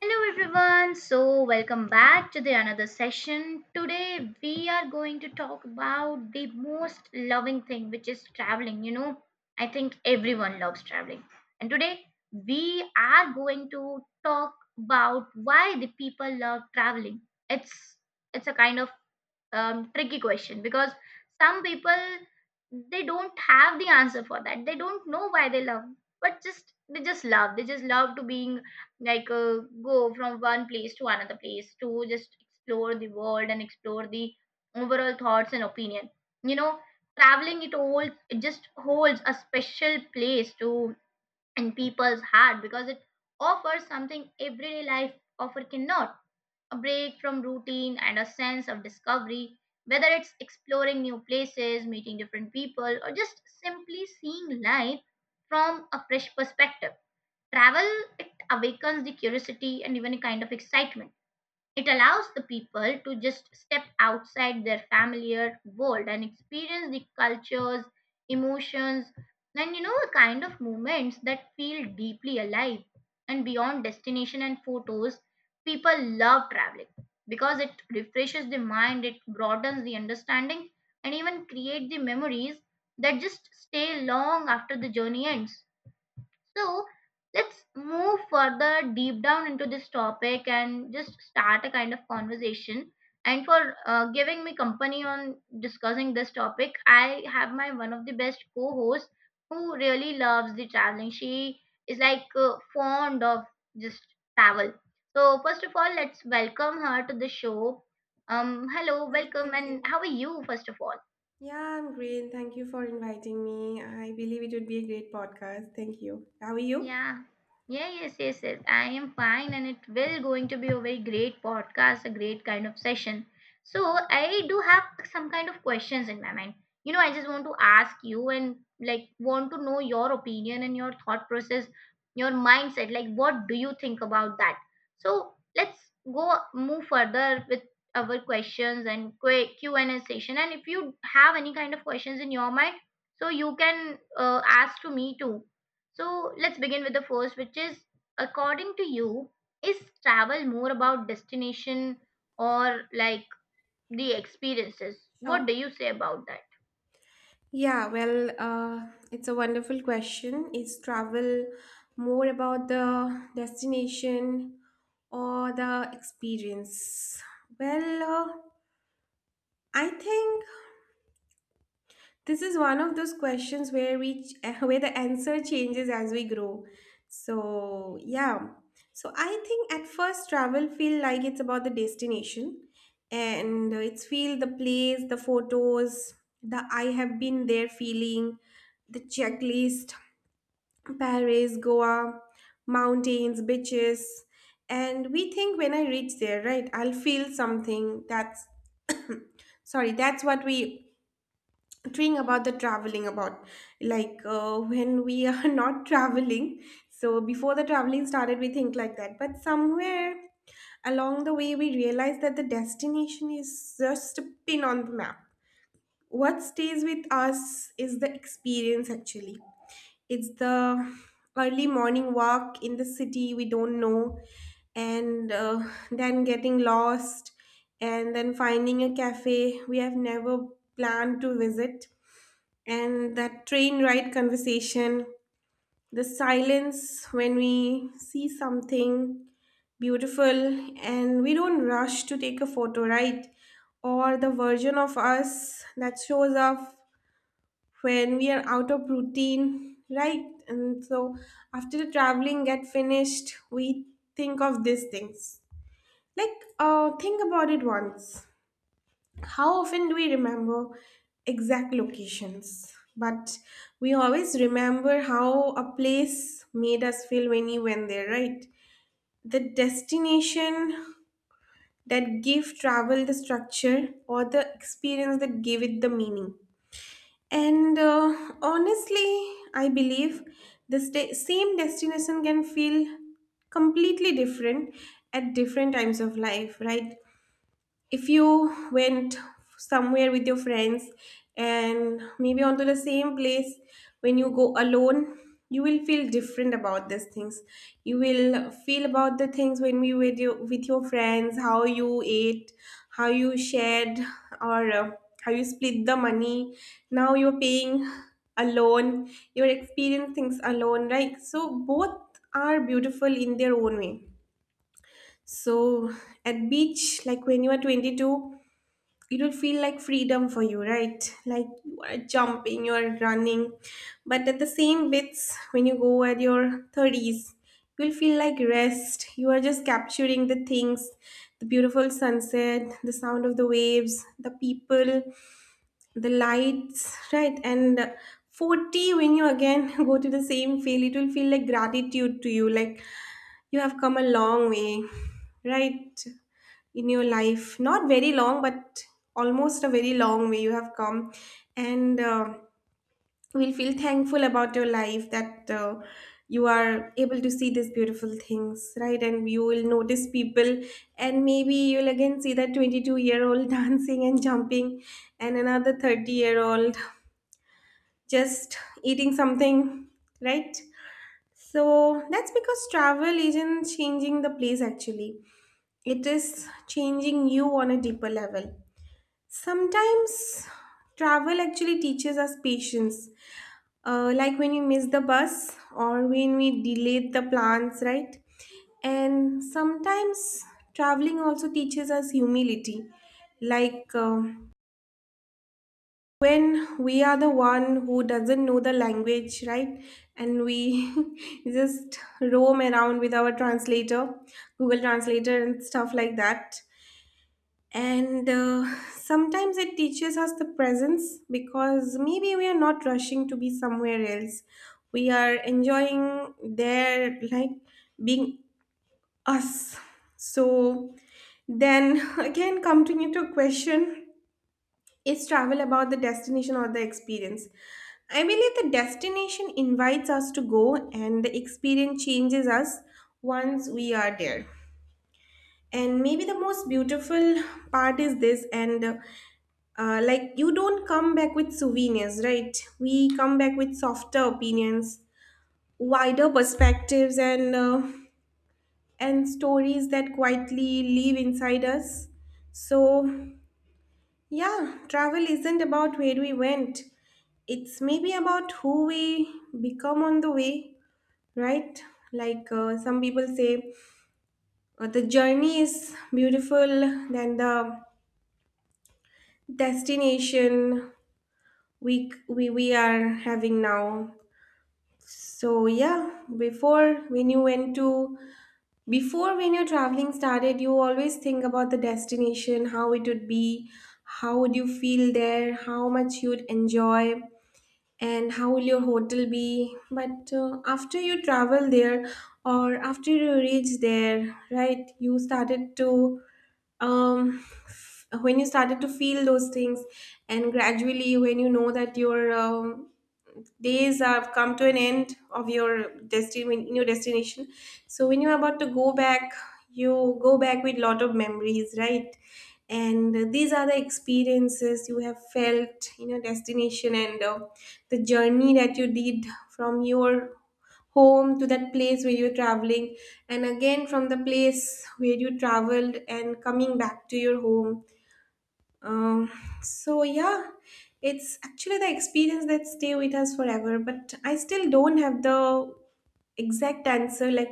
Hello everyone. So welcome back to the another session. Today we are going to talk about the most loving thing, which is traveling. You know, I think everyone loves traveling. And today we are going to talk about why the people love traveling. It's it's a kind of tricky question because some people, they don't have the answer for that, they don't know why they love, but just they just love, they just love to being, like uh, go from one place to another place to just explore the world and explore the overall thoughts and opinion. You know, traveling, it all, it just holds a special place to, in people's heart, because it offers something everyday life offer cannot: a break from routine and a sense of discovery, whether it's exploring new places, meeting different people, or just simply seeing life from a fresh perspective. Travel, it awakens the curiosity and even a kind of excitement. It allows the people to just step outside their familiar world and experience the cultures, emotions, and you know, the kind of moments that feel deeply alive. And beyond destination and photos, people love traveling because it refreshes the mind, it broadens the understanding, and even create the memories that just stay long after the journey ends. So let's move further deep down into this topic and just start a kind of conversation. And for giving me company on discussing this topic, I have my one of the best co-hosts who really loves the traveling. She is fond of just travel. So first of all, let's welcome her to the show. Hello, Well, welcome, thank and you. how are you? First of all. Yeah, I'm great. Thank you for inviting me. I believe it would be a great podcast. Thank you. How are you? Yeah. Yeah, yes, yes, yes. I am fine and it will going to be a very great podcast, a great kind of session. So I do have some kind of questions in my mind. You know, I just want to ask you and like want to know your opinion and your thought process, your mindset. Like what do you think about that? So let's go move further with our questions and Q and A session. And if you have any kind of questions in your mind, so you can ask to me too. So let's begin with the first, which is, according to you, is travel more about destination or like the experiences? What Sure. do you say about that? Yeah, well, it's a wonderful question. Is travel more about the destination or the experience? Well, I think this is one of those questions where where the answer changes as we grow. So, yeah. So I think at first travel feel like it's about the destination, and it's feel the place, the photos, the I have been there feeling, the checklist, Paris, Goa, mountains, beaches. And we think when I reach there, right, I'll feel something that's what we talking about the traveling, about like when we are not traveling. So before the traveling started, we think like that. But somewhere along the way, we realize that the destination is just a pin on the map. What stays with us is the experience, actually. It's the early morning walk in the city we don't know, and then getting lost, and then finding a cafe we have never planned to visit, and that train ride conversation, the silence when we see something beautiful and we don't rush to take a photo, right? Or the version of us that shows up when we are out of routine, right? And so after the traveling get finished, we think of these things. Like, think about it once, how often do we remember exact locations, but we always remember how a place made us feel when we went there, right? The destination that gave travel the structure, or the experience that gave it the meaning. And honestly I believe the same destination can feel completely different at different times of life, right? If you went somewhere with your friends, and maybe onto the same place when you go alone, you will feel different about these things. You will feel about the things when we with you with your friends, how you ate, how you shared, or how you split the money. Now you're paying alone, you're experiencing things alone, right? So both are beautiful in their own way. So at beach, like when you are 22, it will feel like freedom for you, right? Like you are jumping, you are running. But at the same bits when you go at your 30s, you'll feel like rest, you are just capturing the things, the beautiful sunset, the sound of the waves, the people, the lights, right? And 40, when you again go to the same field, it will feel like gratitude to you. Like you have come a long way, right? In your life, not very long, but almost a very long way you have come. And will feel thankful about your life, that you are able to see these beautiful things, right? And you will notice people, and maybe you'll again see that 22-year-old dancing and jumping, and another 30-year-old just eating something, right? So that's because travel isn't changing the place actually, it is changing you on a deeper level. Sometimes travel actually teaches us patience. Like when you miss the bus, or when we delayed the plans, right? And sometimes traveling also teaches us humility. Like when we are the one who doesn't know the language, right? And we just roam around with our translator, Google Translator, and stuff like that. And sometimes it teaches us the presence, because maybe we are not rushing to be somewhere else. We are enjoying their, like, being us. So then again, coming to a question, is travel about the destination or the experience? I believe the destination invites us to go, and the experience changes us once we are there. And maybe the most beautiful part is this, and like you don't come back with souvenirs, right? We come back with softer opinions, wider perspectives, and stories that quietly live inside us. So yeah, travel isn't about where we went. It's maybe about who we become on the way, right? Like some people say, the journey is beautiful than the destination we are having now. So yeah, before when your traveling started, you always think about the destination, how it would be, how would you feel there, how much you would enjoy, and how will your hotel be. But after you travel there, or after you reach there, right, you started to um when you started to feel those things, and gradually when you know that your days have come to an end of your destiny in your destination. So when you're about to go back, you go back with lot of memories, right? And these are the experiences you have felt in your destination, and the journey that you did from your home to that place where you're traveling, and again from the place where you traveled and coming back to your home. um, so yeah, it's actually the experience that stay with us forever, but I still don't have the exact answer, like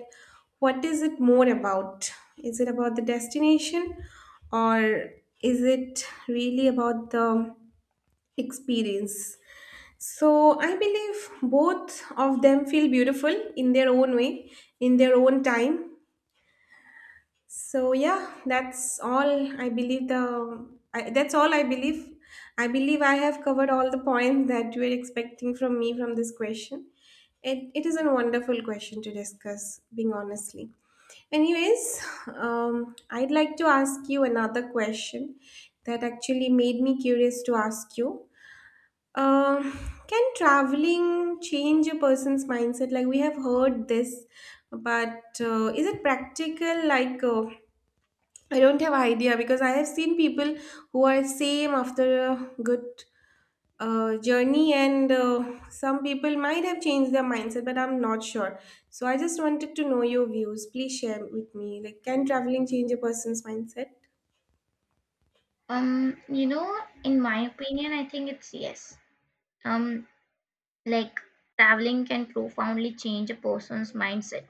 what is it more about? Is it about the destination, or is it really about the experience? So I believe both of them feel beautiful in their own way, in their own time, so yeah, that's all I believe the that's all I believe. I believe I have covered all the points that you were expecting from me from this question. It is a wonderful question to discuss, being honestly. Anyways, I'd like to ask you another question that actually made me curious to ask you. Um, can traveling change a person's mindset? Like we have heard this, but is it practical? Like, I don't have idea, because I have seen people who are same after a good journey, and some people might have changed their mindset, but I'm not sure. So I just wanted to know your views. Please share with me. Like, can traveling change a person's mindset? You know, in my opinion, I think it's yes. Um, like, traveling can profoundly change a person's mindset.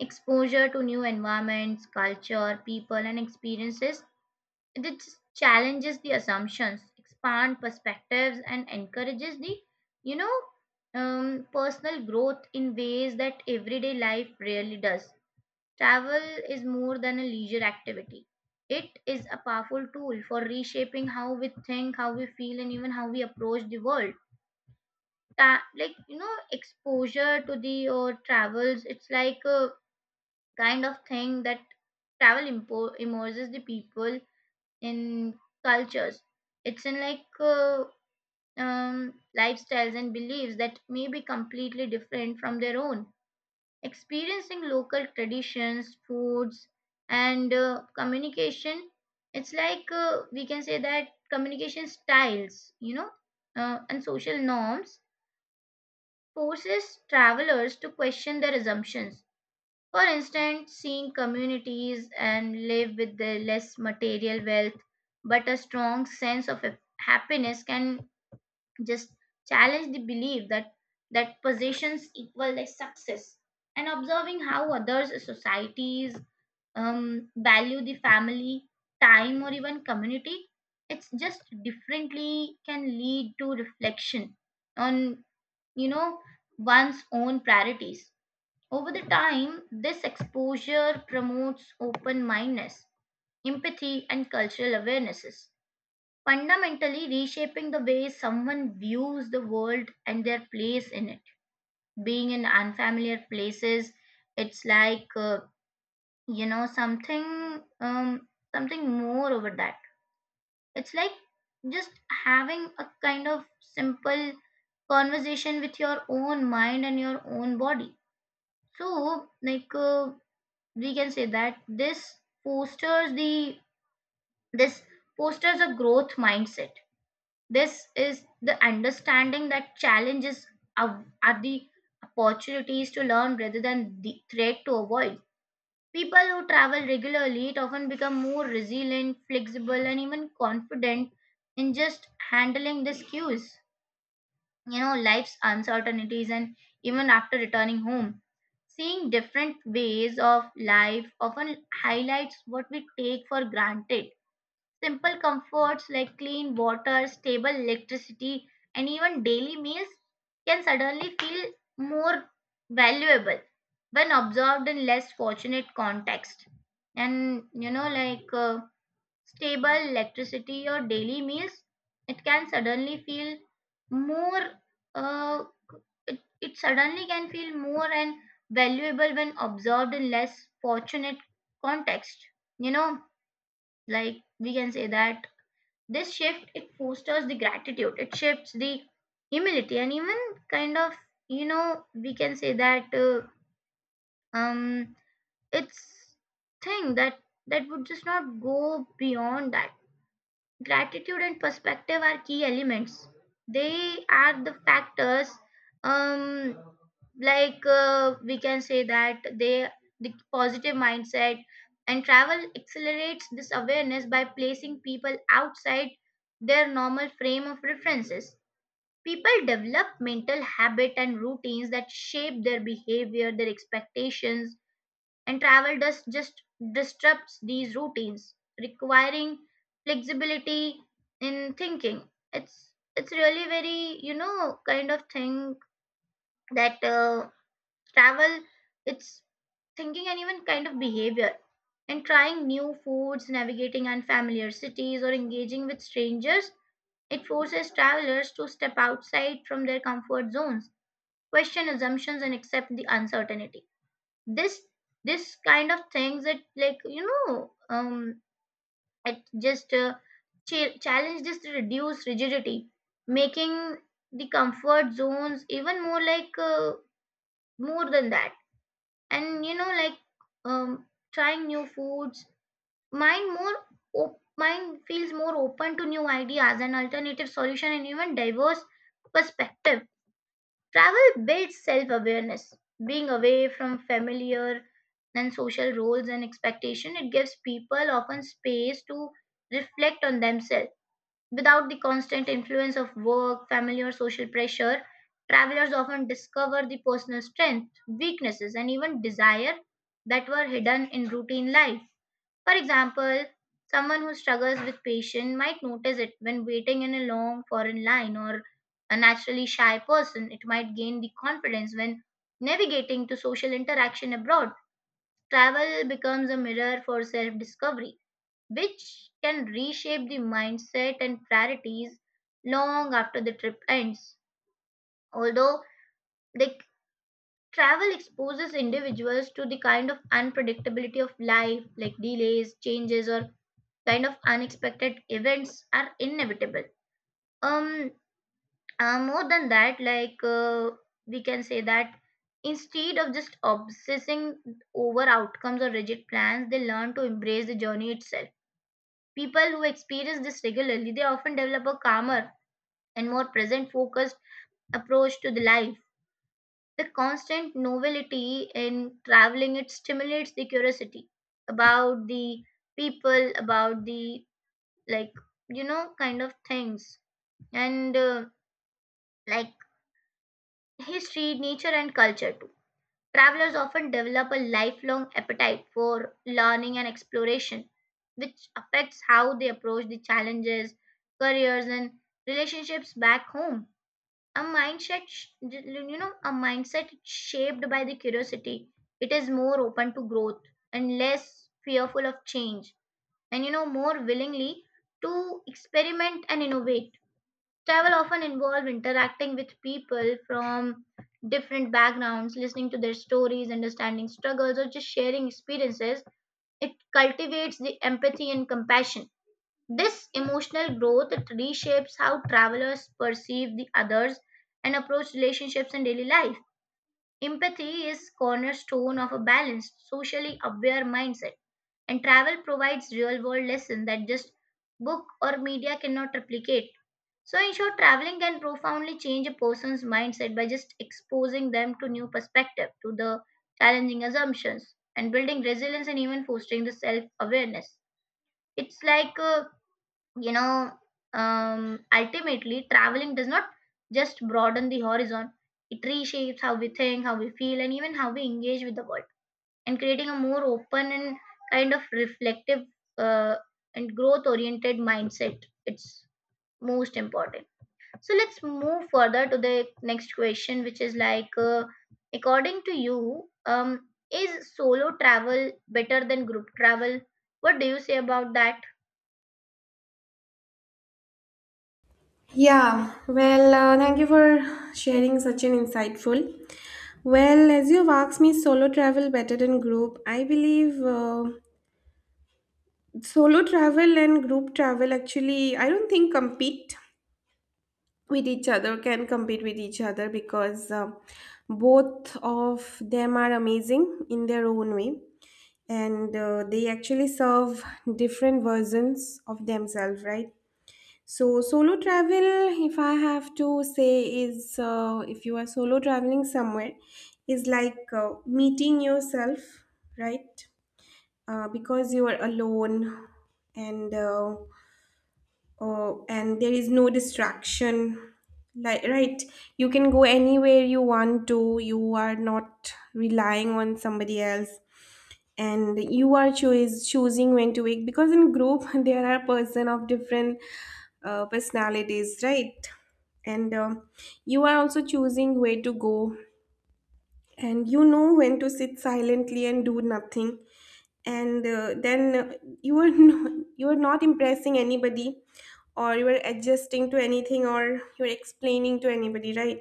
Exposure to new environments, culture, people, and experiences, it just challenges the assumptions, expand perspectives, and encourages the, you know, personal growth in ways that everyday life rarely does. Travel is more than a leisure activity. It is a powerful tool for reshaping how we think, how we feel, and even how we approach the world. Like you know, exposure to the travels. It's like a kind of thing that immerses the people in cultures. It's in lifestyles and beliefs that may be completely different from their own. Experiencing local traditions, foods, and communication, it's we can say that communication styles, you know, and social norms forces travelers to question their assumptions. For instance, seeing communities and live with the less material wealth but a strong sense of happiness can just challenge the belief that possessions equal like success. And observing how others societies value the family time or even community, it's just differently, can lead to reflection on, you know, one's own priorities. Over the time, this exposure promotes open mindedness, empathy, and cultural awarenesses, fundamentally reshaping the way someone views the world and their place in it. Being in unfamiliar places, it's you know something, something more over that. It's like just having a kind of simple conversation with your own mind and your own body. So, like. We can say that fosters the this fosters a growth mindset. This is the understanding that challenges are the opportunities to learn rather than the threat to avoid. People who travel regularly, it often become more resilient, flexible, and even confident in just handling these cues, you know, life's uncertainties. And even after returning home, seeing different ways of life often highlights what we take for granted. Simple comforts like clean water, stable electricity, and even daily meals can suddenly feel more valuable when observed in less fortunate context. And you know, stable electricity or daily meals, it can suddenly feel more, uh, it suddenly can feel more and valuable when observed in less fortunate context. You know, like we can say that this shift, it fosters the gratitude, it shifts the humility and even kind of, you know, we can say that um, it's thing that would just not go beyond that. Gratitude and perspective are key elements. They are the factors, um, we can say that they the positive mindset, and travel accelerates this awareness by placing people outside their normal frame of references. People develop mental habit and routines that shape their behavior, their expectations, and travel does just disrupts these routines, requiring flexibility in thinking. It's really very, you know, kind of thing that travel it's thinking and even kind of behavior. And trying new foods, navigating unfamiliar cities, or engaging with strangers, it forces travelers to step outside from their comfort zones, question assumptions, and accept the uncertainty. This this kind of things, it, like you know, it just challenge this to reduce rigidity, making the comfort zones even more more than that. And you know, um trying new foods, mind more mind feels more open to new ideas and alternative solution and even diverse perspective. Travel builds self awareness. Being away from familiar and social roles and expectation, it gives people often space to reflect on themselves. Without the constant influence of work, family, or social pressure, travelers often discover the personal strengths, weaknesses, and even desire that were hidden in routine life. For example, someone who struggles with patience might notice it when waiting in a long foreign line, or a naturally shy person, it might gain the confidence when navigating to social interaction abroad. Travel becomes a mirror for self-discovery, which can reshape the mindset and priorities long after the trip ends. Although the travel exposes individuals to the kind of unpredictability of life, like delays, changes, or kind of unexpected events are inevitable. um More than that, we can say that instead of just obsessing over outcomes or rigid plans, they learn to embrace the journey itself. People who experience this regularly, they often develop a calmer and more present focused approach to the life. The constant novelty in traveling, it stimulates the curiosity about the people, about the, like you know, kind of things, and like history, nature, and culture too. Travelers often develop a lifelong appetite for learning and exploration, which affects how they approach the challenges, careers, and relationships back home. You know, a mindset shaped by the curiosity, it is more open to growth and less fearful of change, and you know, more willingly to experiment and innovate. Travel often involves interacting with people from different backgrounds, listening to their stories, understanding struggles, or just sharing experiences. It cultivates the empathy and compassion. This emotional growth, it reshapes how travelers perceive the others and approach relationships and daily life. Empathy is cornerstone of a balanced, socially aware mindset, and travel provides real-world lessons that just book or media cannot replicate. So, in short, traveling can profoundly change a person's mindset by just exposing them to new perspective, to the challenging assumptions, and building resilience and even fostering the self awareness. It's like, you know, ultimately, traveling does not just broaden the horizon, it reshapes how we think, how we feel, and even how we engage with the world, and creating a more open and kind of reflective uh, and growth oriented mindset. It's most important. So let's move further to the next question, which is like, according to you, is solo travel better than group travel? What do you say about that? Yeah, well, thank you for sharing such an insightful. Well, as you've asked me, solo travel better than group. I believe solo travel and group travel actually, I don't think compete with each other can compete with each other, because both of them are amazing in their own way, and they actually serve different versions of themselves, right? So solo travel, if I have to say, is if you are solo traveling somewhere, is like meeting yourself, right? Uh, because you are alone, and oh, and there is no distraction. Like, right, you can go anywhere you want to. You are not relying on somebody else, and you are choose choosing when to wake, because in group there are person of different personalities, right? And you are also choosing where to go, and you know, when to sit silently and do nothing, and then you are not, you are not impressing anybody, or you are adjusting to anything, or you're explaining to anybody, right?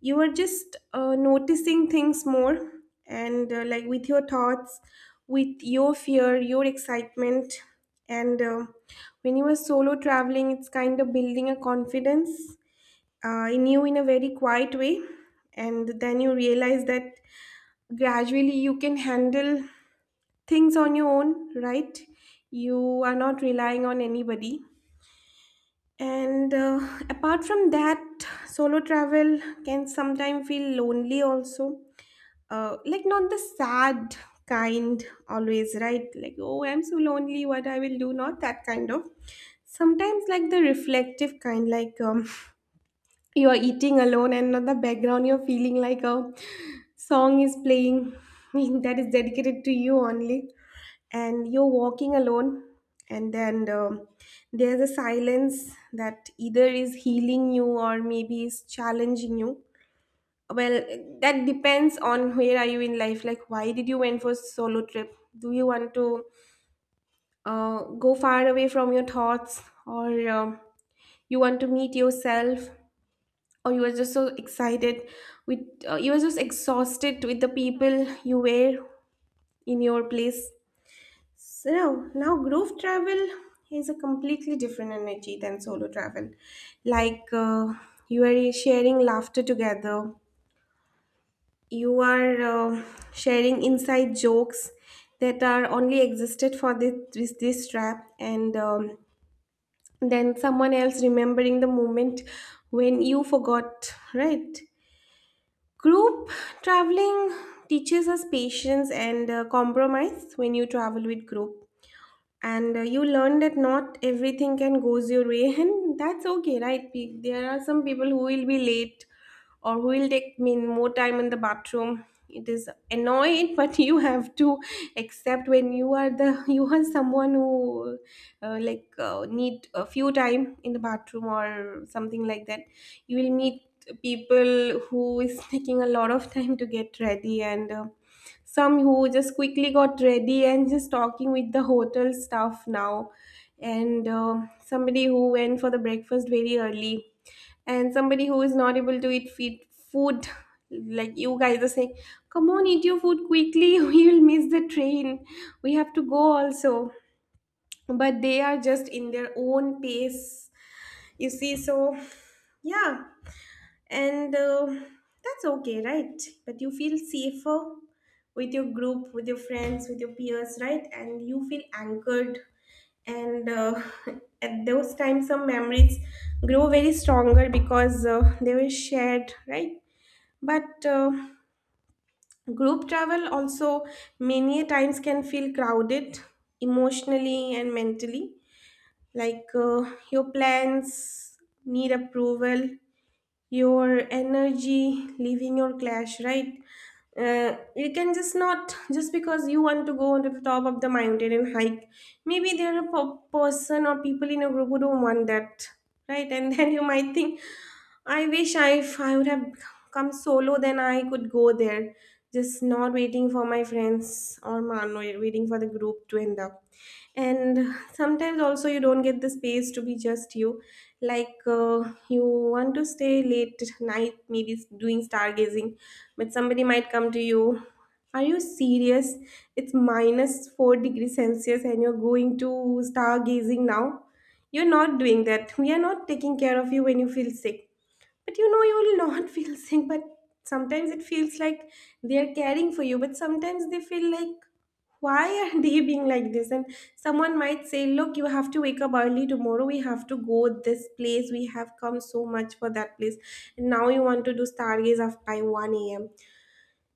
You are just noticing things more, and like with your thoughts, with your fear, your excitement, and when you are solo traveling, it's kind of building a confidence in you in a very quiet way. And then you realize that gradually you can handle things on your own, right? You are not relying on anybody. And apart from that, solo travel can sometimes feel lonely also. Like, not the sad kind always, right? Like, oh, I'm so lonely, what I will do, not that kind of. Sometimes, like the reflective kind, like, you're eating alone and on the background you're feeling like a song is playing that is dedicated to you only, and you're walking alone, and then there's a silence that either is healing you or maybe is challenging you. Well, that depends on where are you in life, like why did you went for solo trip. Do you want to go far away from your thoughts, or you want to meet yourself, or you were just so excited with you were just exhausted with the people you were in your place. So now group travel is a completely different energy than solo travel. Like, you are sharing laughter together, you are sharing inside jokes that are only existed for this trap, and then someone else remembering the moment when you forgot, right? Group traveling teaches us patience and compromise when you travel with group, and you learn that not everything can goes your way, and that's okay, right? There are some people who will be late or who will take mean more time in the bathroom. It is annoying, but you have to accept when you are the you are someone who need a few time in the bathroom or something like that. You will meet people who is taking a lot of time to get ready, and some who just quickly got ready and just talking with the hotel staff now, and somebody who went for the breakfast very early, and somebody who is not able to food, like you guys are saying, come on, eat your food quickly, we will miss the train, we have to go also, but they are just in their own pace, you see. So yeah, and that's okay, right? But you feel safer with your group, with your friends, with your peers, right? And you feel anchored, and at those times some memories grow very stronger because they were shared, right? But group travel also many a times can feel crowded emotionally and mentally. Like, your plans need approval, your energy leaving your clash, right? You can just not, just because you want to go onto the top of the mountain and hike, maybe there are a person or people in your group who don't want that, right? And then you might think, I wish I if I would have come solo, then I could go there, just not waiting for my friends or man waiting for the group to end up. And sometimes also you don't get the space to be just you. Like, you want to stay late at night maybe doing stargazing, but somebody might come to you, are you serious, it's minus 4 degrees celsius and you're going to stargazing now, you're not doing that, we are not taking care of you when you feel sick. But you know, you will not feel sick, but sometimes it feels like they are caring for you, but sometimes they feel like, why are they being like this? And someone might say, look, you have to wake up early tomorrow. We have to go this place. We have come so much for that place. And now you want to do by 1 a.m.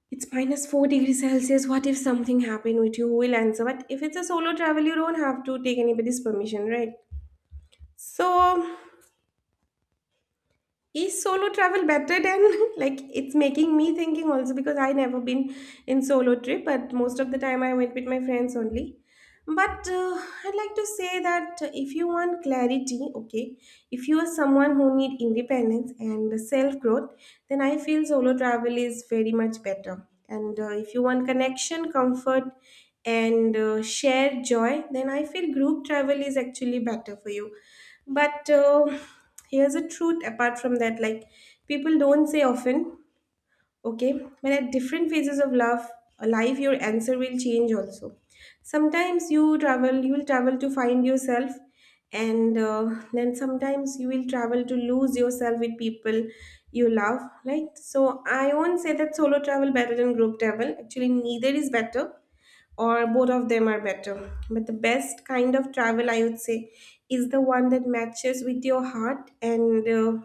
It's minus 4 degrees Celsius. What if something happened with you? Who will answer? But if it's a solo travel, you don't have to take anybody's permission, right? So, is solo travel better than like, it's making me thinking also because I never been in solo trip, but most of the time I went with my friends only. But I'd like to say that if you want clarity, okay, if you are someone who need independence and self growth, then I feel solo travel is very much better. And if you want connection, comfort and shared joy, then I feel group travel is actually better for you. But here's a truth apart from that, like people don't say often, okay, when at different phases of love life your answer will change also. Sometimes you travel, you will travel to find yourself, and then sometimes you will travel to lose yourself with people you love, right? So I won't say that solo travel better than group travel. Actually, neither is better, or both of them are better. But the best kind of travel, I would say, is the one that matches with your heart, and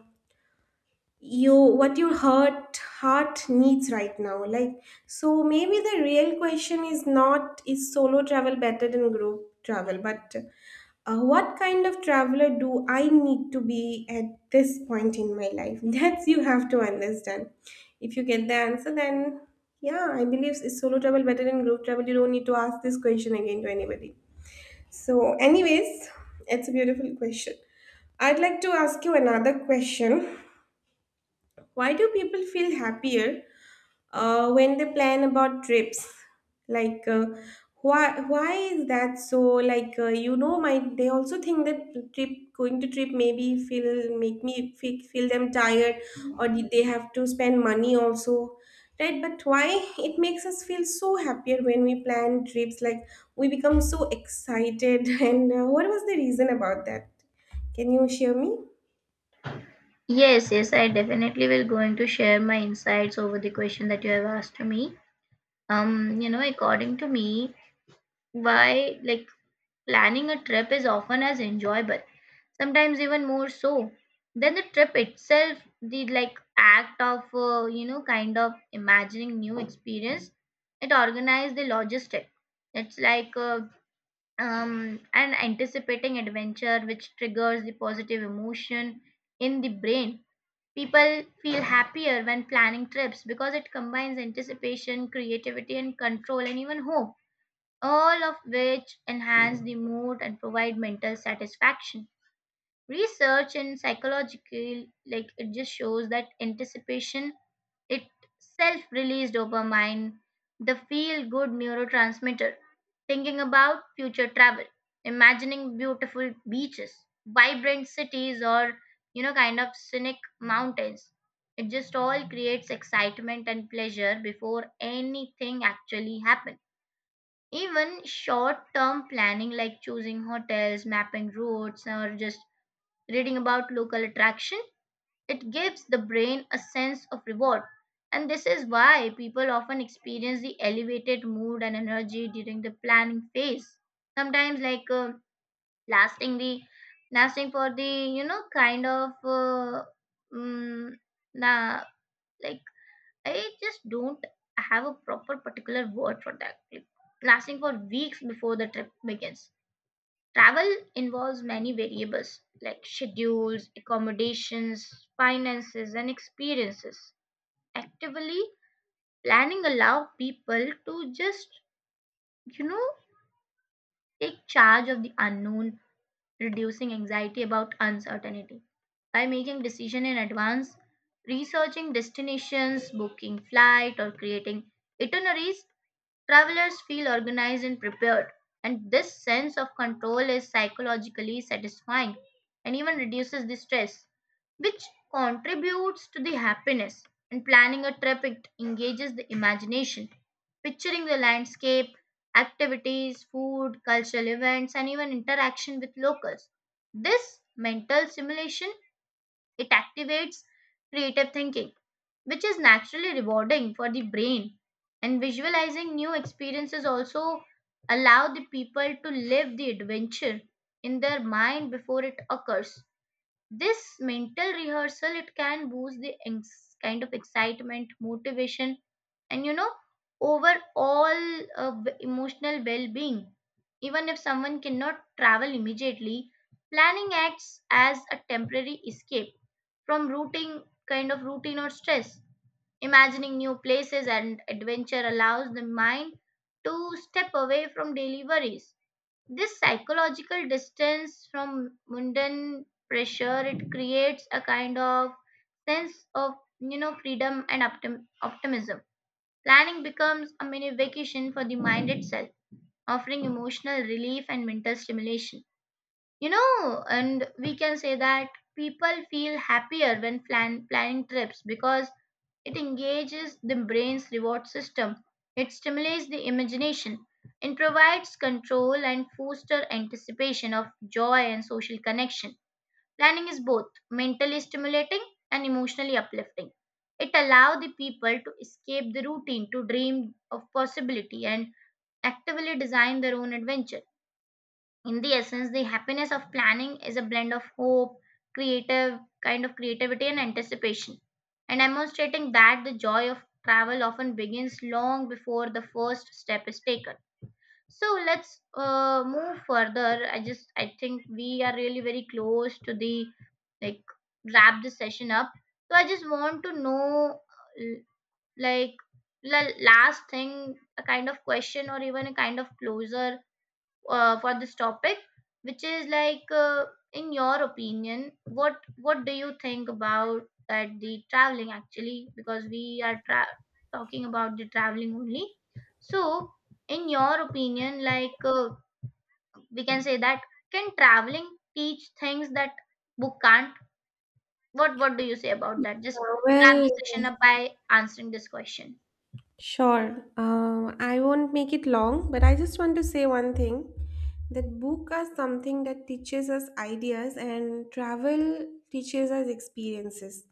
you what your heart needs right now, like. So maybe the real question is not is solo travel better than group travel, but what kind of traveler do I need to be at this point in my life. That's you have to understand. If you get the answer, then yeah, I believe is solo travel better than group travel, you don't need to ask this question again to anybody. So anyways, it's a beautiful question. I'd like to ask you another question. Why do people feel happier when they plan about trips? Like, why is that so? Like, you know, my they also think that trip going to trip maybe feel make me feel them tired, or did they have to spend money also, right? But why it makes us feel so happier when we plan trips? Like, we become so excited. And what was the reason about that? Can you share me? Yes, yes, I definitely will going to share my insights over the question that you have asked me. According to me, why like planning a trip is often as enjoyable, sometimes even more so than the trip itself. The act of imagining new experience, it organized the logistic. It's like an anticipating adventure which triggers the positive emotion in the brain. People feel happier when planning trips because it combines anticipation, creativity, and control, and even hope, all of which enhance the mood and provide mental satisfaction. Research in psychological, it just shows that anticipation itself released dopamine, the feel good neurotransmitter. Thinking about future travel, imagining beautiful beaches, vibrant cities, or scenic mountains, it just all creates excitement and pleasure before anything actually happens. Even short term planning like choosing hotels, mapping routes, or just reading about local attraction, it gives the brain a sense of reward. And this is why people often experience the elevated mood and energy during the planning phase. Sometimes like lasting the lasting for the, mm, nah, like I just don't have a proper particular word for that. Like, lasting for weeks before the trip begins. Travel involves many variables like schedules, accommodations, finances, and experiences. Actively planning allows people to just, you know, take charge of the unknown, reducing anxiety about uncertainty. By making decision in advance, researching destinations, booking flight, or creating itineraries, travelers feel organized and prepared, and this sense of control is psychologically satisfying and even reduces the stress, which contributes to the happiness. In planning a trip, it engages the imagination, picturing the landscape, activities, food, cultural events, and even interaction with locals. This mental simulation, it activates creative thinking, which is naturally rewarding for the brain. And visualizing new experiences also allow the people to live the adventure in their mind before it occurs. This mental rehearsal, it can boost the kind of excitement, motivation, and overall emotional well-being. Even if someone cannot travel immediately, planning acts as a temporary escape from routine kind of routine or stress. Imagining new places and adventure allows the mind to step away from daily worries. This psychological distance from mundane pressure, it creates a kind of sense of freedom and optimism. Planning becomes a mini vacation for the mind itself, offering emotional relief and mental stimulation. You know, and we can say that people feel happier when planning trips because it engages the brain's reward system. It stimulates the imagination and provides control and fosters anticipation of joy and social connection. Planning is both mentally stimulating and emotionally uplifting. It allows the people to escape the routine, to dream of possibility, and actively design their own adventure. In the essence, the happiness of planning is a blend of hope, creative kind of creativity, and anticipation, and demonstrating that the joy of travel often begins long before the first step is taken. So let's move further. I think we are really very close to the, like wrap this session up. So I just want to know, l- like the last thing, a kind of question or even a kind of closer for this topic, which is like, in your opinion, what do you think about that, the traveling actually? Because we are talking about the traveling only. So, in your opinion, we can say that, can traveling teach things that book can't? What do you say about that? Just Uh, wrap well, the session up by answering this question. Sure. I won't make it long, but I just want to say one thing, that book are something that teaches us ideas and travel teaches us experiences.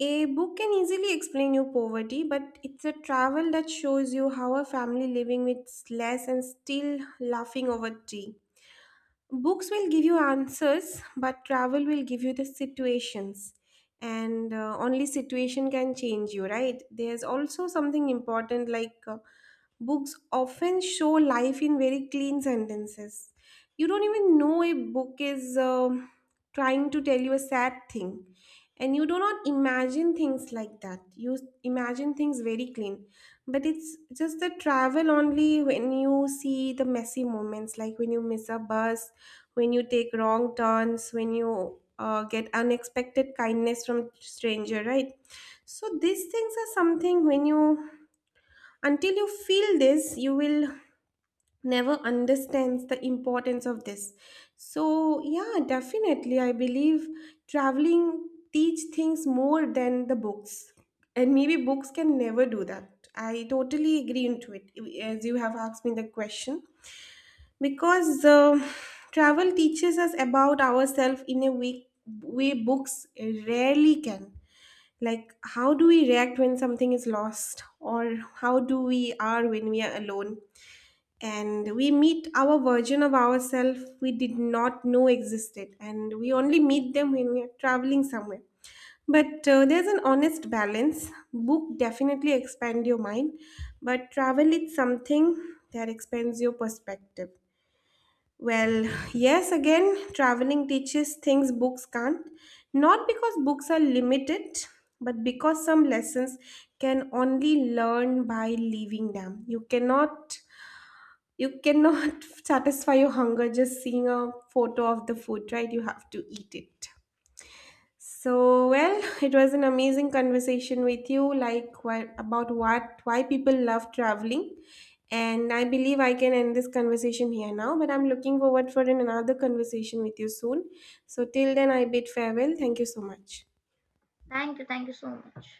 A book can easily explain you poverty, but it's a travel that shows you how a family living with less and still laughing over tea. Books will give you answers, but travel will give you the situations. And only situation can change you, right? There's also something important, like books often show life in very clean sentences. You don't even know a book is trying to tell you a sad thing and you do not imagine things like that, you imagine things very clean. But it's just the travel only, when you see the messy moments, like when you miss a bus, when you take wrong turns, when you get unexpected kindness from stranger, right? So these things are something when you, until you feel this, you will never understands the importance of this. So yeah, definitely I believe traveling teach things more than the books, and maybe books can never do that. I totally agree into it. As you have asked me the question, because travel teaches us about ourselves in a way books rarely can, like how do we react when something is lost, or how do we are when we are alone, and we meet our version of ourselves we did not know existed, and we only meet them when we are traveling somewhere. But there's an honest balance, book definitely expand your mind, but travel is something that expands your perspective. Well, yes, again, traveling teaches things books can't, not because books are limited, but because some lessons can only learn by leaving them. You cannot satisfy your hunger just seeing a photo of the food, right? You have to eat it. So, well, it was an amazing conversation with you, like what, about what why people love traveling. And I believe I can end this conversation here now, but I'm looking forward for another conversation with you soon. So till then, I bid farewell. Thank you so much. Thank you so much.